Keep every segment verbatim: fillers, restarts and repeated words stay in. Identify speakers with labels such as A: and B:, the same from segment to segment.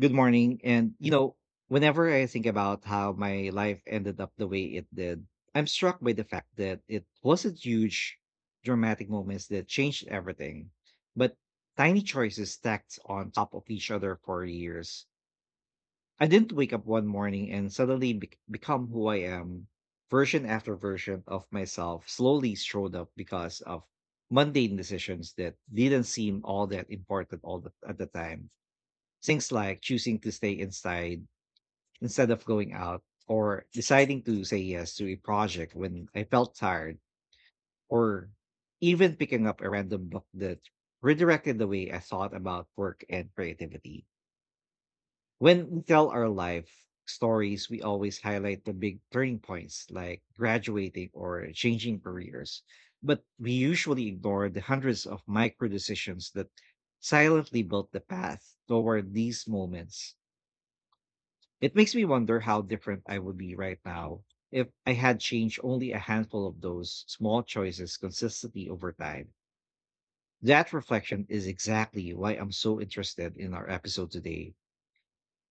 A: Good morning. And, you know, whenever I think about how my life ended up the way it did, I'm struck by the fact that it wasn't huge, dramatic moments that changed everything, but tiny choices stacked on top of each other for years. I didn't wake up one morning and suddenly bec become who I am. Version after version of myself slowly showed up because of mundane decisions that didn't seem all that important all the, at the time. Things like choosing to stay inside instead of going out, or deciding to say yes to a project when I felt tired, or even picking up a random book that redirected the way I thought about work and creativity. When we tell our life stories, we always highlight the big turning points like graduating or changing careers. But we usually ignore the hundreds of micro decisions that silently built the path toward these moments. It makes me wonder how different I would be right now if I had changed only a handful of those small choices consistently over time. That reflection is exactly why I'm so interested in our episode today: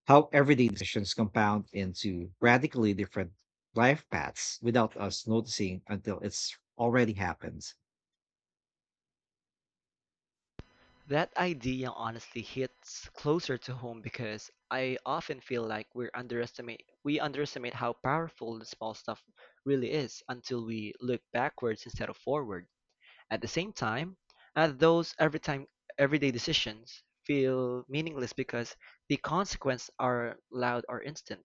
A: how everyday decisions compound into radically different life paths without us noticing until it's already happened.
B: That idea honestly hits closer to home because I often feel like we're underestimate we underestimate how powerful the small stuff really is until we look backwards instead of forward. At the same time, uh, those every time everyday decisions feel meaningless because the consequences are loud or instant.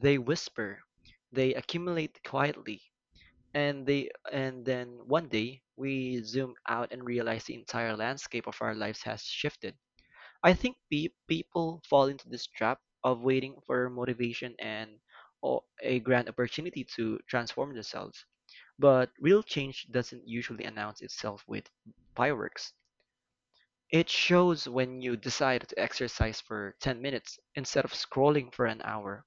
B: They whisper, they accumulate quietly, and they and then one day we zoom out and realize the entire landscape of our lives has shifted. I think pe- people fall into this trap of waiting for motivation and or a grand opportunity to transform themselves. But real change doesn't usually announce itself with fireworks. It shows when you decide to exercise for ten minutes instead of scrolling for an hour,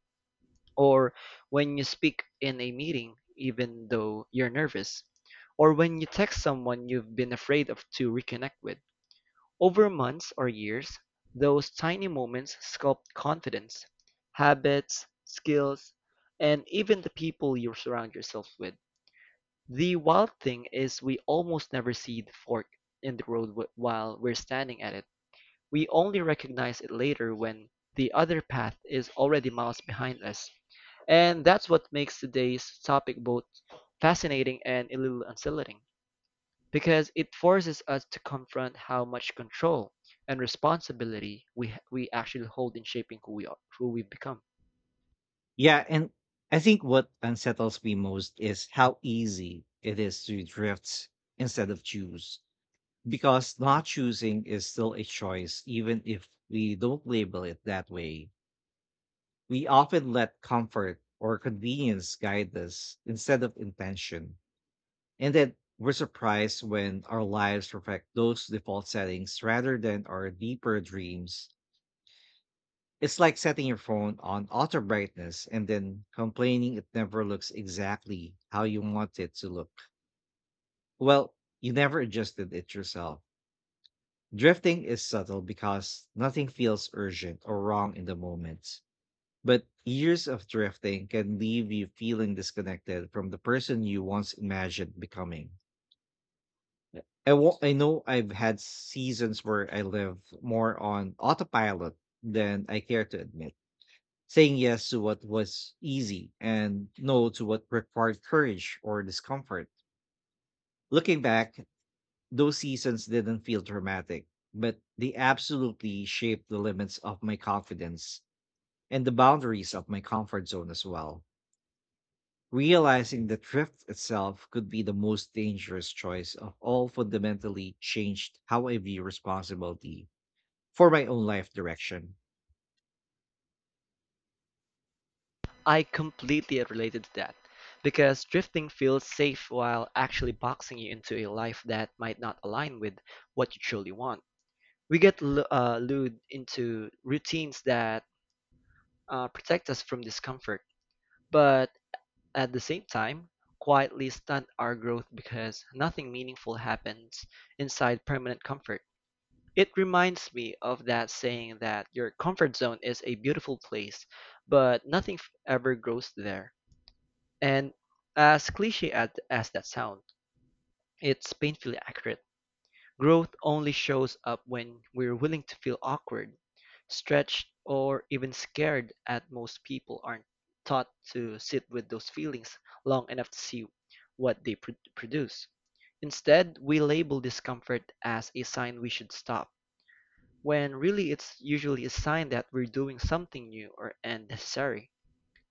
B: or when you speak in a meeting even though you're nervous, or when you text someone you've been afraid of to reconnect with. Over months or years, those tiny moments sculpt confidence, habits, skills, and even the people you surround yourself with. The wild thing is we almost never see the fork in the road wh- while we're standing at it. We only recognize it later when the other path is already miles behind us. And that's what makes today's topic both fascinating and a little unsettling, because it forces us to confront how much control and responsibility we we actually hold in shaping who we are, who we become.
A: Yeah, and I think what unsettles me most is how easy it is to drift instead of choose. Because not choosing is still a choice, even if we don't label it that way. We often let comfort or convenience guide us instead of intention. And then we're surprised when our lives reflect those default settings rather than our deeper dreams. It's like setting your phone on auto brightness and then complaining it never looks exactly how you want it to look. Well, you never adjusted it yourself. Drifting is subtle because nothing feels urgent or wrong in the moment. But years of drifting can leave you feeling disconnected from the person you once imagined becoming. I, I wa- I know I've had seasons where I live more on autopilot than I care to admit, saying yes to what was easy and no to what required courage or discomfort. Looking back, those seasons didn't feel dramatic, but they absolutely shaped the limits of my confidence and the boundaries of my comfort zone as well. Realizing that drift itself could be the most dangerous choice of all fundamentally changed how I view responsibility for my own life direction.
B: I completely related to that, because drifting feels safe while actually boxing you into a life that might not align with what you truly want. We get lu- uh, lured into routines that uh, protect us from discomfort, but at the same time, quietly stunt our growth because nothing meaningful happens inside permanent comfort. It reminds me of that saying that your comfort zone is a beautiful place, but nothing f- ever grows there. And as cliche as, as that sounds, it's painfully accurate. Growth only shows up when we're willing to feel awkward, stretched, or even scared at most people aren't taught to sit with those feelings long enough to see what they pro- produce. Instead, we label discomfort as a sign we should stop, when really it's usually a sign that we're doing something new or unnecessary.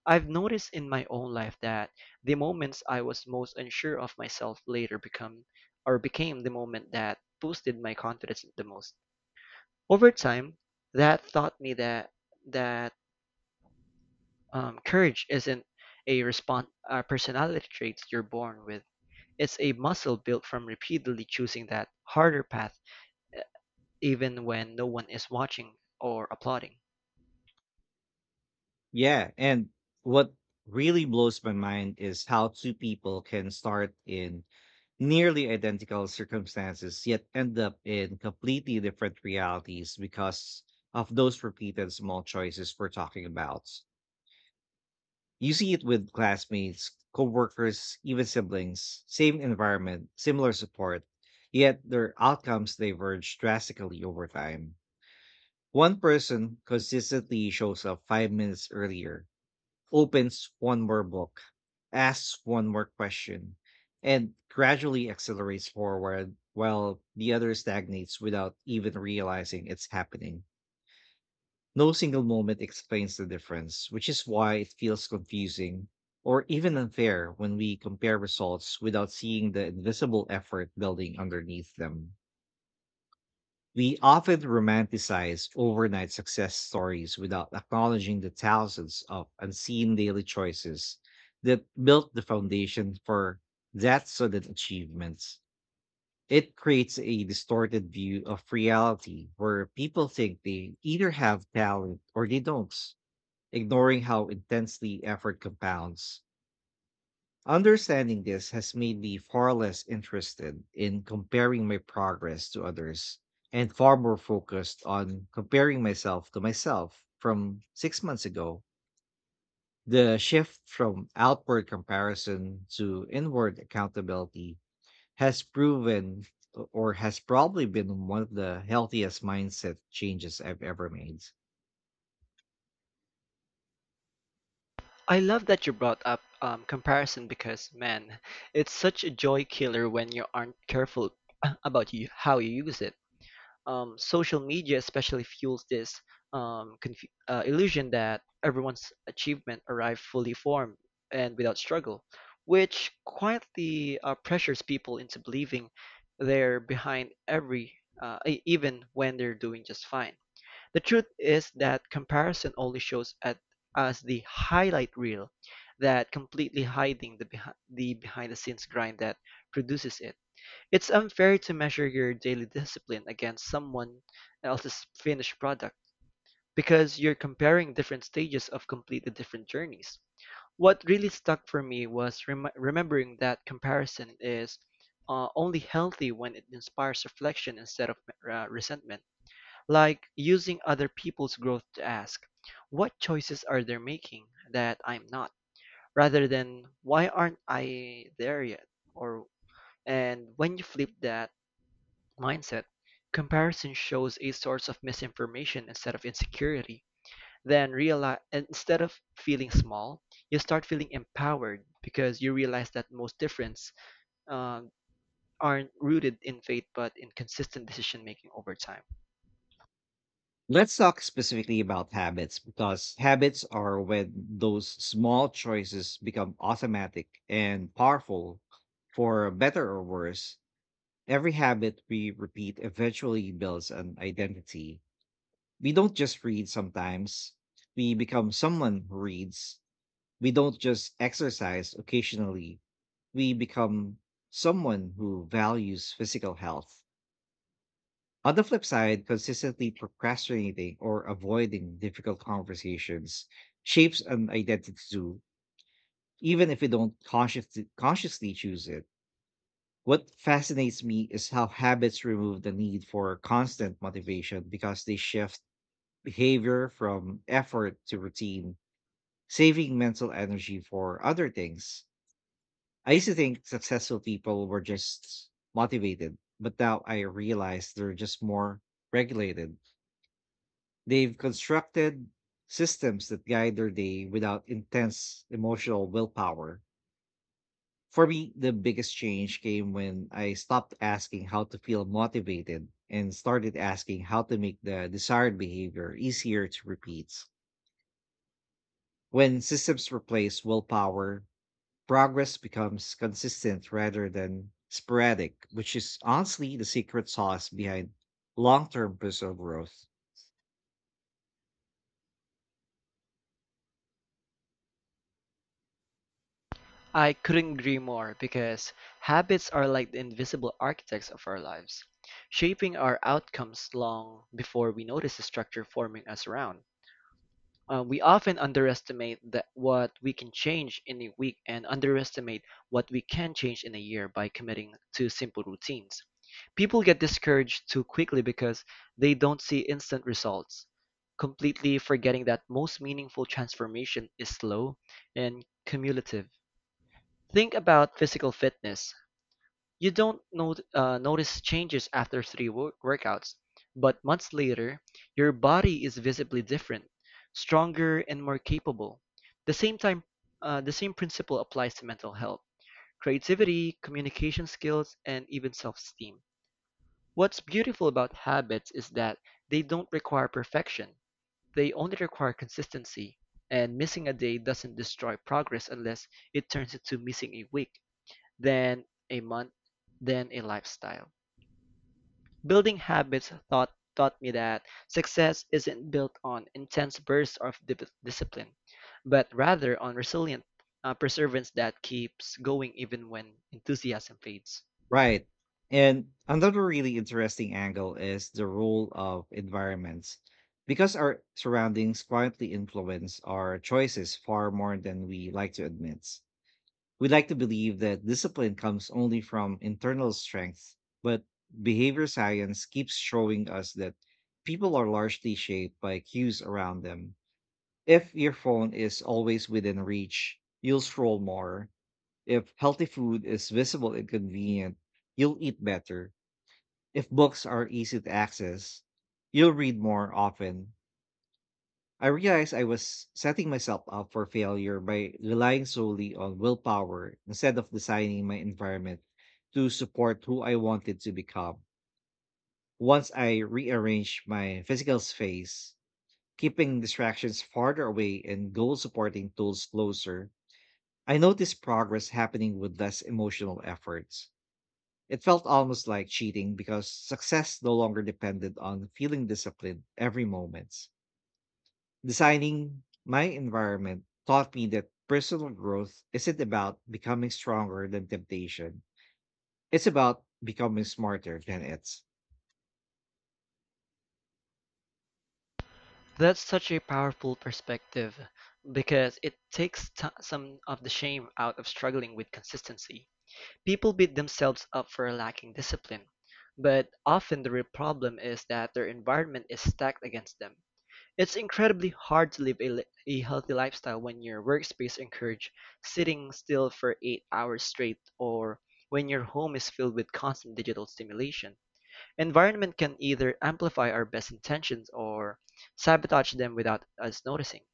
B: I've noticed in my own life that the moments I was most unsure of myself later become or became the moment that boosted my confidence the most. Over time, that taught me that that um, courage isn't a response a personality trait you're born with. It's a muscle built from repeatedly choosing that harder path, e- even when no one is watching or applauding.
A: Yeah, and what really blows my mind is how two people can start in nearly identical circumstances yet end up in completely different realities because of those repeated small choices we're talking about. You see it with classmates, coworkers, even siblings, same environment, similar support, yet their outcomes diverge drastically over time. One person consistently shows up five minutes earlier, opens one more book, asks one more question, and gradually accelerates forward while the other stagnates without even realizing it's happening. No single moment explains the difference, which is why it feels confusing or even unfair when we compare results without seeing the invisible effort building underneath them. We often romanticize overnight success stories without acknowledging the thousands of unseen daily choices that built the foundation for that sudden achievements. It creates a distorted view of reality where people think they either have talent or they don't, ignoring how intensely effort compounds. Understanding this has made me far less interested in comparing my progress to others and far more focused on comparing myself to myself from six months ago. The shift from outward comparison to inward accountability has proven, or has probably been, one of the healthiest mindset changes I've ever made.
B: I love that you brought up um, comparison because, man, it's such a joy killer when you aren't careful about you, how you use it. Um, social media especially fuels this um, conf- uh, illusion that everyone's achievement arrived fully formed and without struggle, which quietly uh, pressures people into believing they're behind every, uh, e- even when they're doing just fine. The truth is that comparison only shows at us the highlight reel, that completely hiding the behi- the behind the scenes grind that produces it. It's unfair to measure your daily discipline against someone else's finished product because you're comparing different stages of completely different journeys. What really stuck for me was rem- remembering that comparison is uh, only healthy when it inspires reflection instead of uh, resentment, like using other people's growth to ask, what choices are they making that I'm not? Rather than, why aren't I there yet? Or, and when you flip that mindset, comparison shows a source of misinformation instead of insecurity. Then realize, instead of feeling small, you start feeling empowered because you realize that most difference uh, aren't rooted in faith but in consistent decision making over time.
A: Let's talk specifically about habits, because habits are when those small choices become automatic and powerful for better or worse. Every habit we repeat eventually builds an identity. We don't just read sometimes. We become someone who reads. We don't just exercise occasionally. We become someone who values physical health. On the flip side, consistently procrastinating or avoiding difficult conversations shapes an identity too, even if we don't consciously, consciously choose it. What fascinates me is how habits remove the need for constant motivation, because they shift behavior from effort to routine, saving mental energy for other things. I used to think successful people were just motivated, but now I realize they're just more regulated. They've constructed systems that guide their day without intense emotional willpower. For me, the biggest change came when I stopped asking how to feel motivated and started asking how to make the desired behavior easier to repeat. When systems replace willpower, progress becomes consistent rather than sporadic, which is honestly the secret sauce behind long term personal growth.
B: I couldn't agree more because habits are like the invisible architects of our lives, shaping our outcomes long before we notice the structure forming us around. Uh, we often underestimate that what we can change in a week and underestimate what we can change in a year by committing to simple routines. People get discouraged too quickly because they don't see instant results, completely forgetting that most meaningful transformation is slow and cumulative. Think about physical fitness. You don't not, uh, notice changes after three wo- workouts, but months later, your body is visibly different, stronger, and more capable. The same time, uh, the same principle applies to mental health, creativity, communication skills, and even self-esteem. What's beautiful about habits is that they don't require perfection. They only require consistency, and missing a day doesn't destroy progress unless it turns into missing a week, then a month, then a lifestyle. Building habits taught taught me that success isn't built on intense bursts of di- discipline, but rather on resilient uh, perseverance that keeps going even when enthusiasm fades.
A: Right. And another really interesting angle is the role of environments, because our surroundings quietly influence our choices far more than we like to admit. We like to believe that discipline comes only from internal strength, but behavior science keeps showing us that people are largely shaped by cues around them. If your phone is always within reach, you'll scroll more. If healthy food is visible and convenient, you'll eat better. If books are easy to access, you'll read more often. I realized I was setting myself up for failure by relying solely on willpower instead of designing my environment to support who I wanted to become. Once I rearranged my physical space, keeping distractions farther away and goal supporting tools closer, I noticed progress happening with less emotional efforts. It felt almost like cheating because success no longer depended on feeling disciplined every moment. Designing my environment taught me that personal growth isn't about becoming stronger than temptation. It's about becoming smarter than it.
B: That's such a powerful perspective because it takes t- some of the shame out of struggling with consistency. People beat themselves up for lacking discipline, but often the real problem is that their environment is stacked against them. It's incredibly hard to live a, li- a healthy lifestyle when your workspace encourages sitting still for eight hours straight, or when your home is filled with constant digital stimulation. Environment can either amplify our best intentions or sabotage them without us noticing.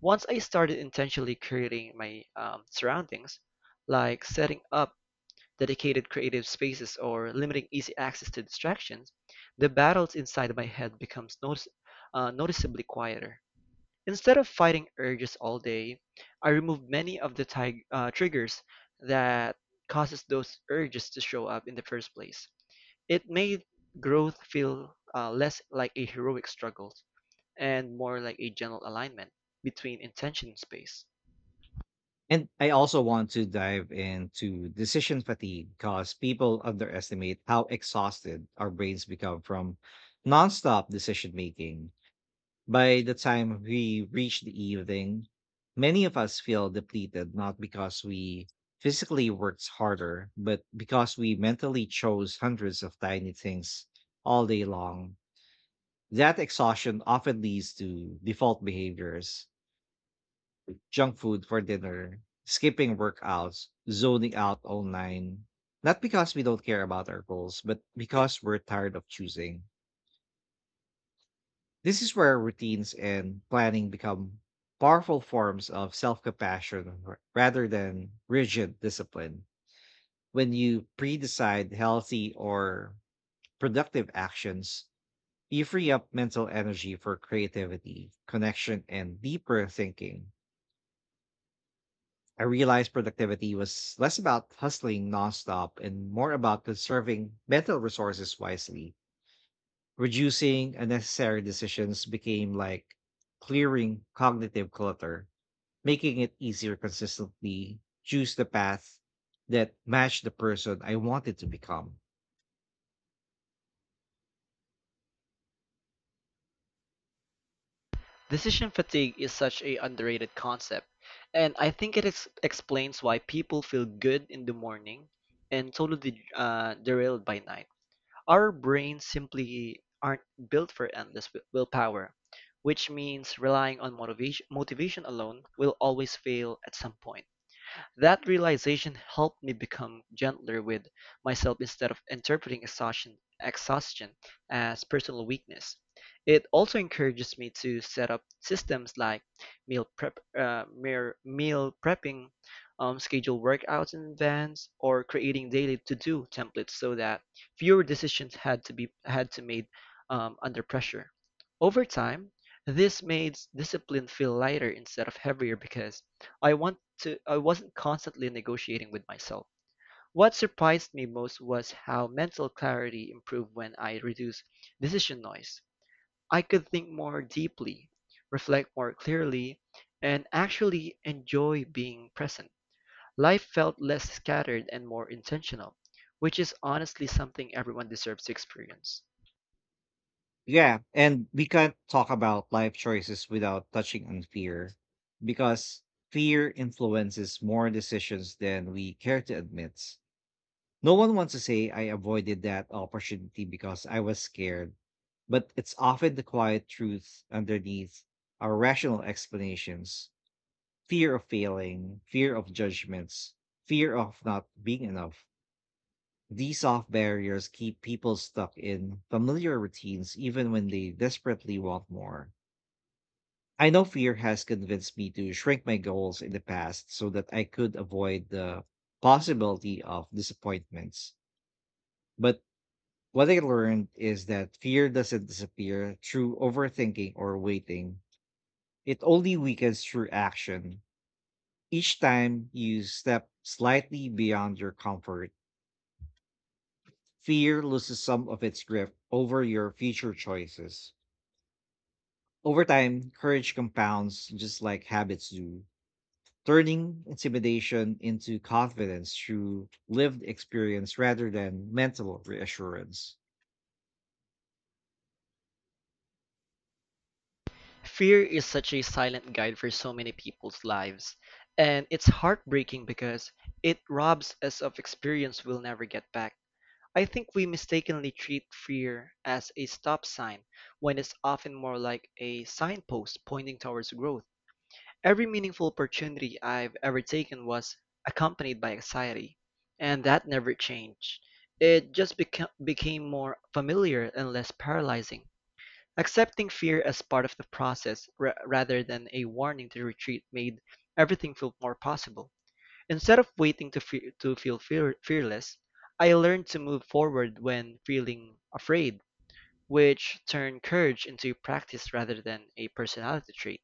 B: Once I started intentionally curating my um, surroundings, like setting up dedicated creative spaces or limiting easy access to distractions, the battles inside my head becomes notice- uh, noticeably quieter. Instead of fighting urges all day, I removed many of the tig- uh, triggers that causes those urges to show up in the first place. It made growth feel uh, less like a heroic struggle and more like a general alignment between intention and space.
A: And I also want to dive into decision fatigue, because people underestimate how exhausted our brains become from nonstop decision making. By the time we reach the evening, many of us feel depleted, not because we physically worked harder, but because we mentally chose hundreds of tiny things all day long. That exhaustion often leads to default behaviors: junk food for dinner, skipping workouts, zoning out online. Not because we don't care about our goals, but because we're tired of choosing. This is where routines and planning become powerful forms of self compassion rather than rigid discipline. When you pre decide healthy or productive actions, you free up mental energy for creativity, connection, and deeper thinking. I realized productivity was less about hustling nonstop and more about conserving mental resources wisely. Reducing unnecessary decisions became like clearing cognitive clutter, making it easier consistently choose the path that matched the person I wanted to become.
B: Decision fatigue is such a underrated concept, and I think it ex- explains why people feel good in the morning and totally uh, derailed by night. Our brains simply aren't built for endless wi- willpower, which means relying on motivation, motivation alone will always fail at some point. That realization helped me become gentler with myself instead of interpreting exhaustion, exhaustion as personal weakness. It also encourages me to set up systems like meal prep, uh, mere- meal prepping, um, schedule workouts in advance, or creating daily to-do templates so that fewer decisions had to be had to made um, under pressure. Over time, this made discipline feel lighter instead of heavier because I want to I wasn't constantly negotiating with myself. What surprised me most was how mental clarity improved when I reduced decision noise. I could think more deeply, reflect more clearly, and actually enjoy being present. Life felt less scattered and more intentional, which is honestly something everyone deserves to experience.
A: Yeah, and we can't talk about life choices without touching on fear, because fear influences more decisions than we care to admit. No one wants to say I avoided that opportunity because I was scared, but it's often the quiet truth underneath our rational explanations. Fear of failing, fear of judgments, fear of not being enough. These soft barriers keep people stuck in familiar routines even when they desperately want more. I know fear has convinced me to shrink my goals in the past so that I could avoid the possibility of disappointments. But what I learned is that fear doesn't disappear through overthinking or waiting. It only weakens through action. Each time you step slightly beyond your comfort, fear loses some of its grip over your future choices. Over time, courage compounds just like habits do, turning intimidation into confidence through lived experience rather than mental reassurance.
B: Fear is such a silent guide for so many people's lives, and it's heartbreaking because it robs us of experience we'll never get back. I think we mistakenly treat fear as a stop sign when it's often more like a signpost pointing towards growth. Every meaningful opportunity I've ever taken was accompanied by anxiety, and that never changed. It just beca- became more familiar and less paralyzing. Accepting fear as part of the process ra- rather than a warning to retreat made everything feel more possible. Instead of waiting to, fe- to feel fear- fearless, I learned to move forward when feeling afraid, which turned courage into practice rather than a personality trait.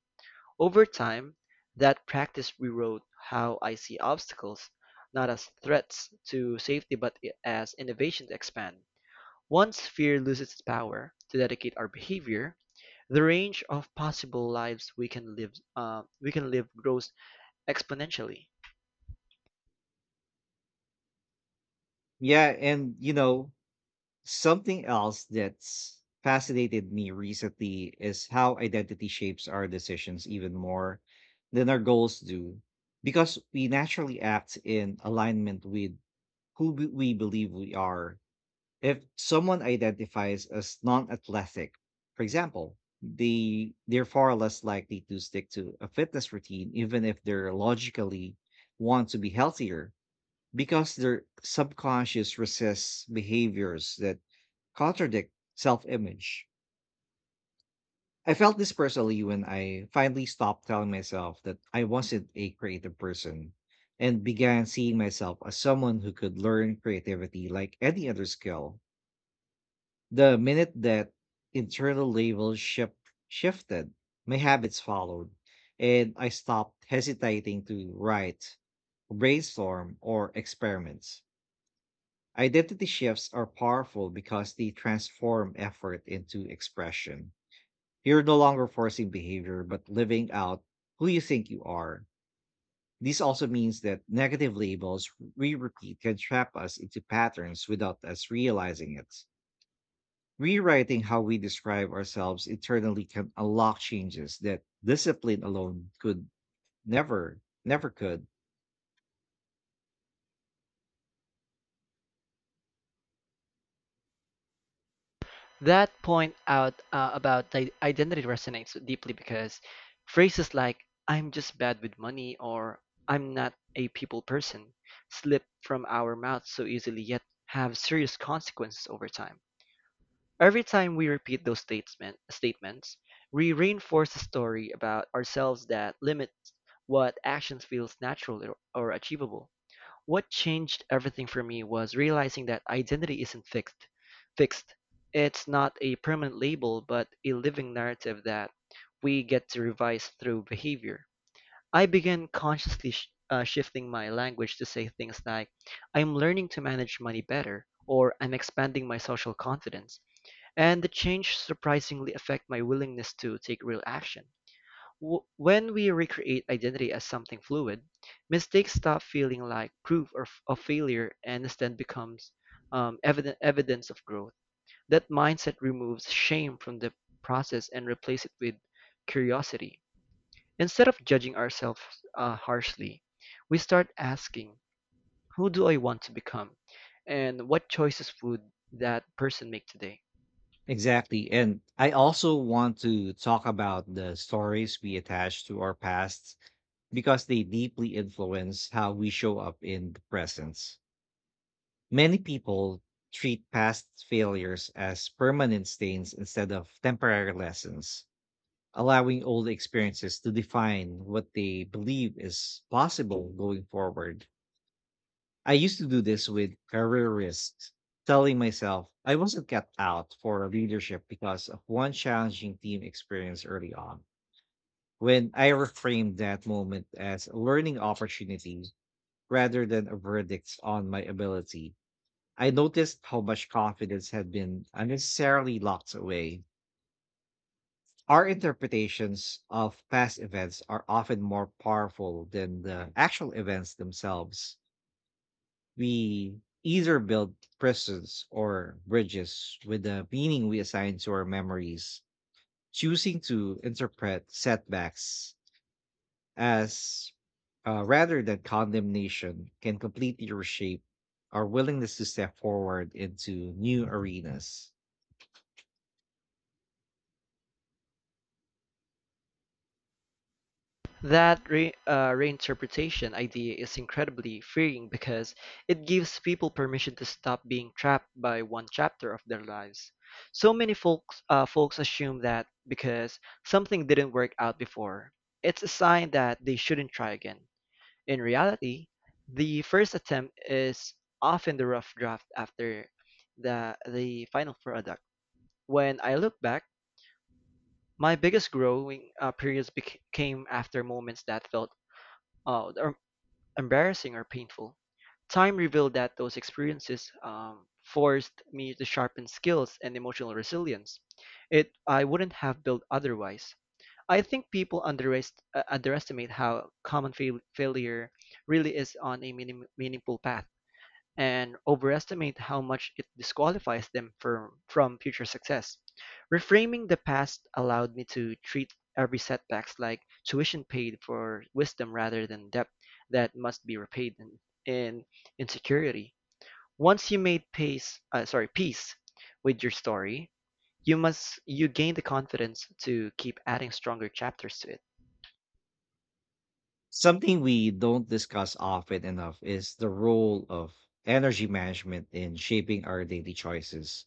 B: Over time, that practice rewrote how I see obstacles, not as threats to safety but i- as innovation to expand. Once fear loses its power to dedicate our behavior, the range of possible lives we can live, uh, we can live grows exponentially.
A: Yeah, and you know, something else that's fascinated me recently is how identity shapes our decisions even more than our goals do, because we naturally act in alignment with who b- we believe we are. If someone identifies as non-athletic, for example, they they're far less likely to stick to a fitness routine, even if they're logically want to be healthier, because their subconscious resists behaviors that contradict self image. I felt this personally when I finally stopped telling myself that I wasn't a creative person and began seeing myself as someone who could learn creativity like any other skill. The minute that internal labels ship shifted, my habits followed, and I stopped hesitating to write, brainstorm, or experiment. Identity shifts are powerful because they transform effort into expression. You're no longer forcing behavior, but living out who you think you are. This also means that negative labels we repeat can trap us into patterns without us realizing it. Rewriting how we describe ourselves internally can unlock changes that discipline alone could never, never could.
B: That point out uh, about the identity resonates deeply because phrases like I'm just bad with money or I'm not a people person slip from our mouths so easily, yet have serious consequences over time. Every time we repeat those statement, statements, we reinforce a story about ourselves that limits what actions feels natural or or achievable. What changed everything for me was realizing that identity isn't fixed. Fixed. It's not a permanent label, but a living narrative that we get to revise through behavior. I began consciously sh- uh, shifting my language to say things like, I'm learning to manage money better, or I'm expanding my social confidence. And the change surprisingly affected my willingness to take real action. W- When we recreate identity as something fluid, mistakes stop feeling like proof of, of failure and instead becomes um, evident, evidence of growth. That mindset removes shame from the process and replaces it with curiosity. Instead of judging ourselves uh, harshly, we start asking, who do I want to become? And what choices would that person make today?
A: Exactly. And I also want to talk about the stories we attach to our past, because they deeply influence how we show up in the presence. Many people treat past failures as permanent stains instead of temporary lessons, allowing old experiences to define what they believe is possible going forward. I used to do this with career risks, telling myself I wasn't kept out for leadership because of one challenging team experience early on. When I reframed that moment as a learning opportunity rather than a verdict on my ability, I noticed how much confidence had been unnecessarily locked away. Our interpretations of past events are often more powerful than the actual events themselves. We either build prisons or bridges with the meaning we assign to our memories, choosing to interpret setbacks as uh, rather than condemnation can completely reshape our willingness to step forward into new arenas.
B: That re- uh, reinterpretation idea is incredibly freeing because it gives people permission to stop being trapped by one chapter of their lives. So many folks, uh, folks assume that because something didn't work out before, it's a sign that they shouldn't try again. In reality, the first attempt is often the rough draft after the, the final product. When I look back, my biggest growing uh, periods bec- came after moments that felt uh, or embarrassing or painful. Time revealed that those experiences um, forced me to sharpen skills and emotional resilience. It I wouldn't have built otherwise. I think people underest- uh, underestimate how common fail- failure really is on a meaning- meaningful path, and overestimate how much it disqualifies them for, from future success. Reframing the past allowed me to treat every setbacks like tuition paid for wisdom rather than debt that must be repaid in, in insecurity. Once you made pace, uh, sorry, peace with your story, you must you gain the confidence to keep adding stronger chapters to it.
A: Something we don't discuss often enough is the role of energy management in shaping our daily choices.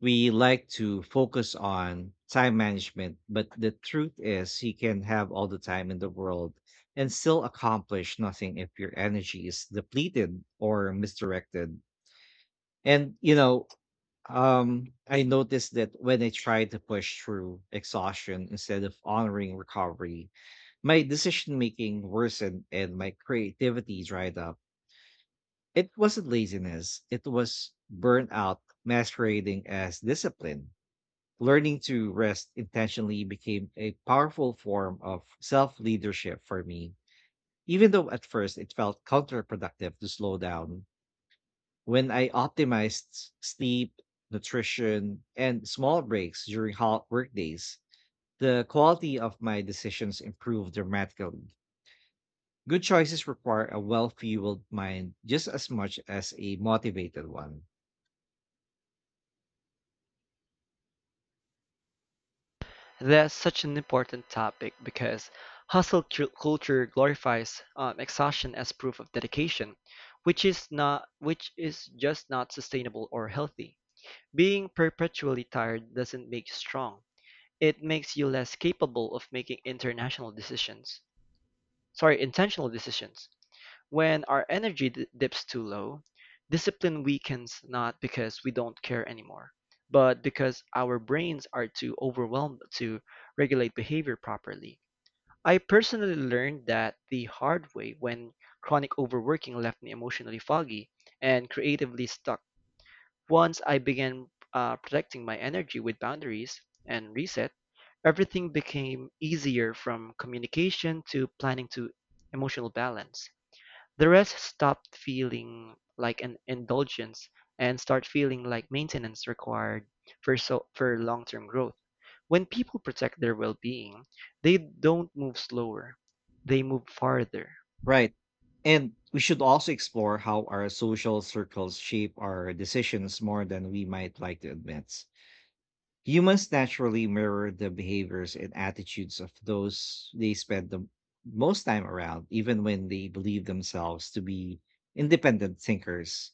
A: We like to focus on time management, but the truth is, you can have all the time in the world and still accomplish nothing if your energy is depleted or misdirected. And, you know, Um, I noticed that when I tried to push through exhaustion instead of honoring recovery, my decision making worsened and my creativity dried up. It wasn't laziness, it was burnout masquerading as discipline. Learning to rest intentionally became a powerful form of self leadership for me, even though at first it felt counterproductive to slow down. When I optimized s- sleep, nutrition, and small breaks during hot workdays, the quality of my decisions improved dramatically. Good choices require a well fueled mind just as much as a motivated one.
B: That's such an important topic because hustle cu- culture glorifies um, exhaustion as proof of dedication, which is not which is just not sustainable or healthy. Being perpetually tired doesn't make you strong. It makes you less capable of making international decisions. Sorry, intentional decisions. When our energy dips too low, discipline weakens not because we don't care anymore, but because our brains are too overwhelmed to regulate behavior properly. I personally learned that the hard way when chronic overworking left me emotionally foggy and creatively stuck. Once I began uh, protecting my energy with boundaries and reset, everything became easier, from communication to planning to emotional balance. The rest stopped feeling like an indulgence and start feeling like maintenance required for so for long-term growth. When people protect their well-being, they don't move slower. They move farther.
A: Right. And we should also explore how our social circles shape our decisions more than we might like to admit. Humans naturally mirror the behaviors and attitudes of those they spend the most time around, even when they believe themselves to be independent thinkers.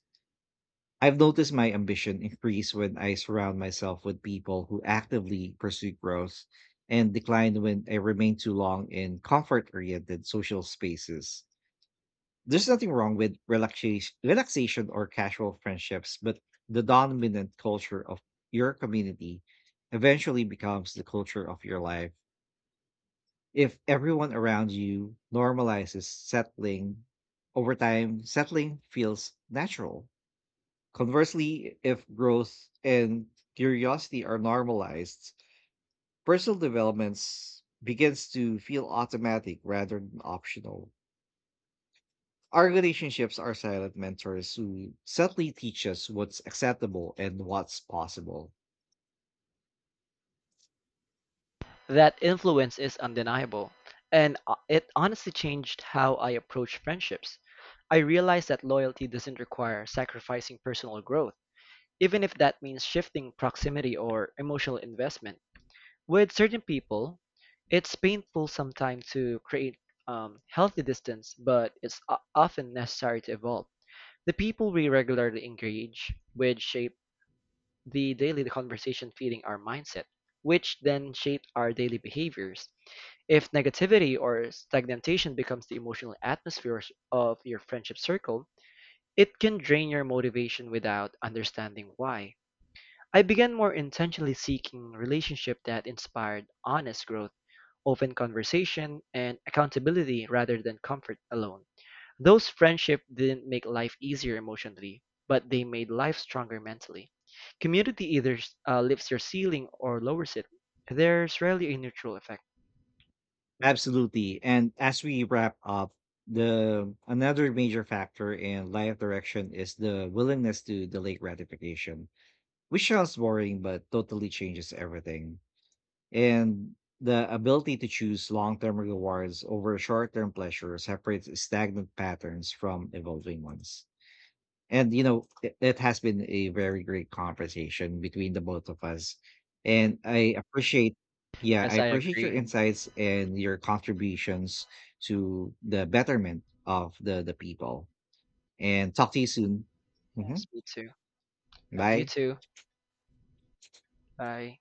A: I've noticed my ambition increase when I surround myself with people who actively pursue growth and decline when I remain too long in comfort oriented social spaces. There's nothing wrong with relaxation, relaxation or casual friendships, but the dominant culture of your community eventually becomes the culture of your life. If everyone around you normalizes settling, over time, settling feels natural. Conversely, if growth and curiosity are normalized, personal developments begins to feel automatic rather than optional. Our relationships are silent mentors who subtly teach us what's acceptable and what's possible.
B: That influence is undeniable, and uh, it honestly changed how I approach friendships. I realized that loyalty doesn't require sacrificing personal growth, even if that means shifting proximity or emotional investment. With certain people, it's painful sometimes to create um, healthy distance, but it's o- often necessary to evolve. The people we regularly engage with shape the daily conversation feeding our mindset, which then shape our daily behaviors. If negativity or stagnation becomes the emotional atmosphere of your friendship circle, it can drain your motivation without understanding why. I began more intentionally seeking relationships that inspired honest growth, open conversation, and accountability rather than comfort alone. Those friendships didn't make life easier emotionally, but they made life stronger mentally. Community either uh, lifts your ceiling or lowers it. There's rarely a neutral effect.
A: Absolutely. And as we wrap up, the another major factor in life direction is the willingness to delay gratification, which sounds boring but totally changes everything. And the ability to choose long-term rewards over short-term pleasure separates stagnant patterns from evolving ones. And you know it, it has been a very great conversation between the both of us, and I appreciate yeah, I
B: Yes, I
A: appreciate your
B: agree.
A: insights and your contributions to the betterment of the the people, and talk to you soon. Hmm.
B: Yes, me too. Uh, you
A: Bye.
B: too. Bye.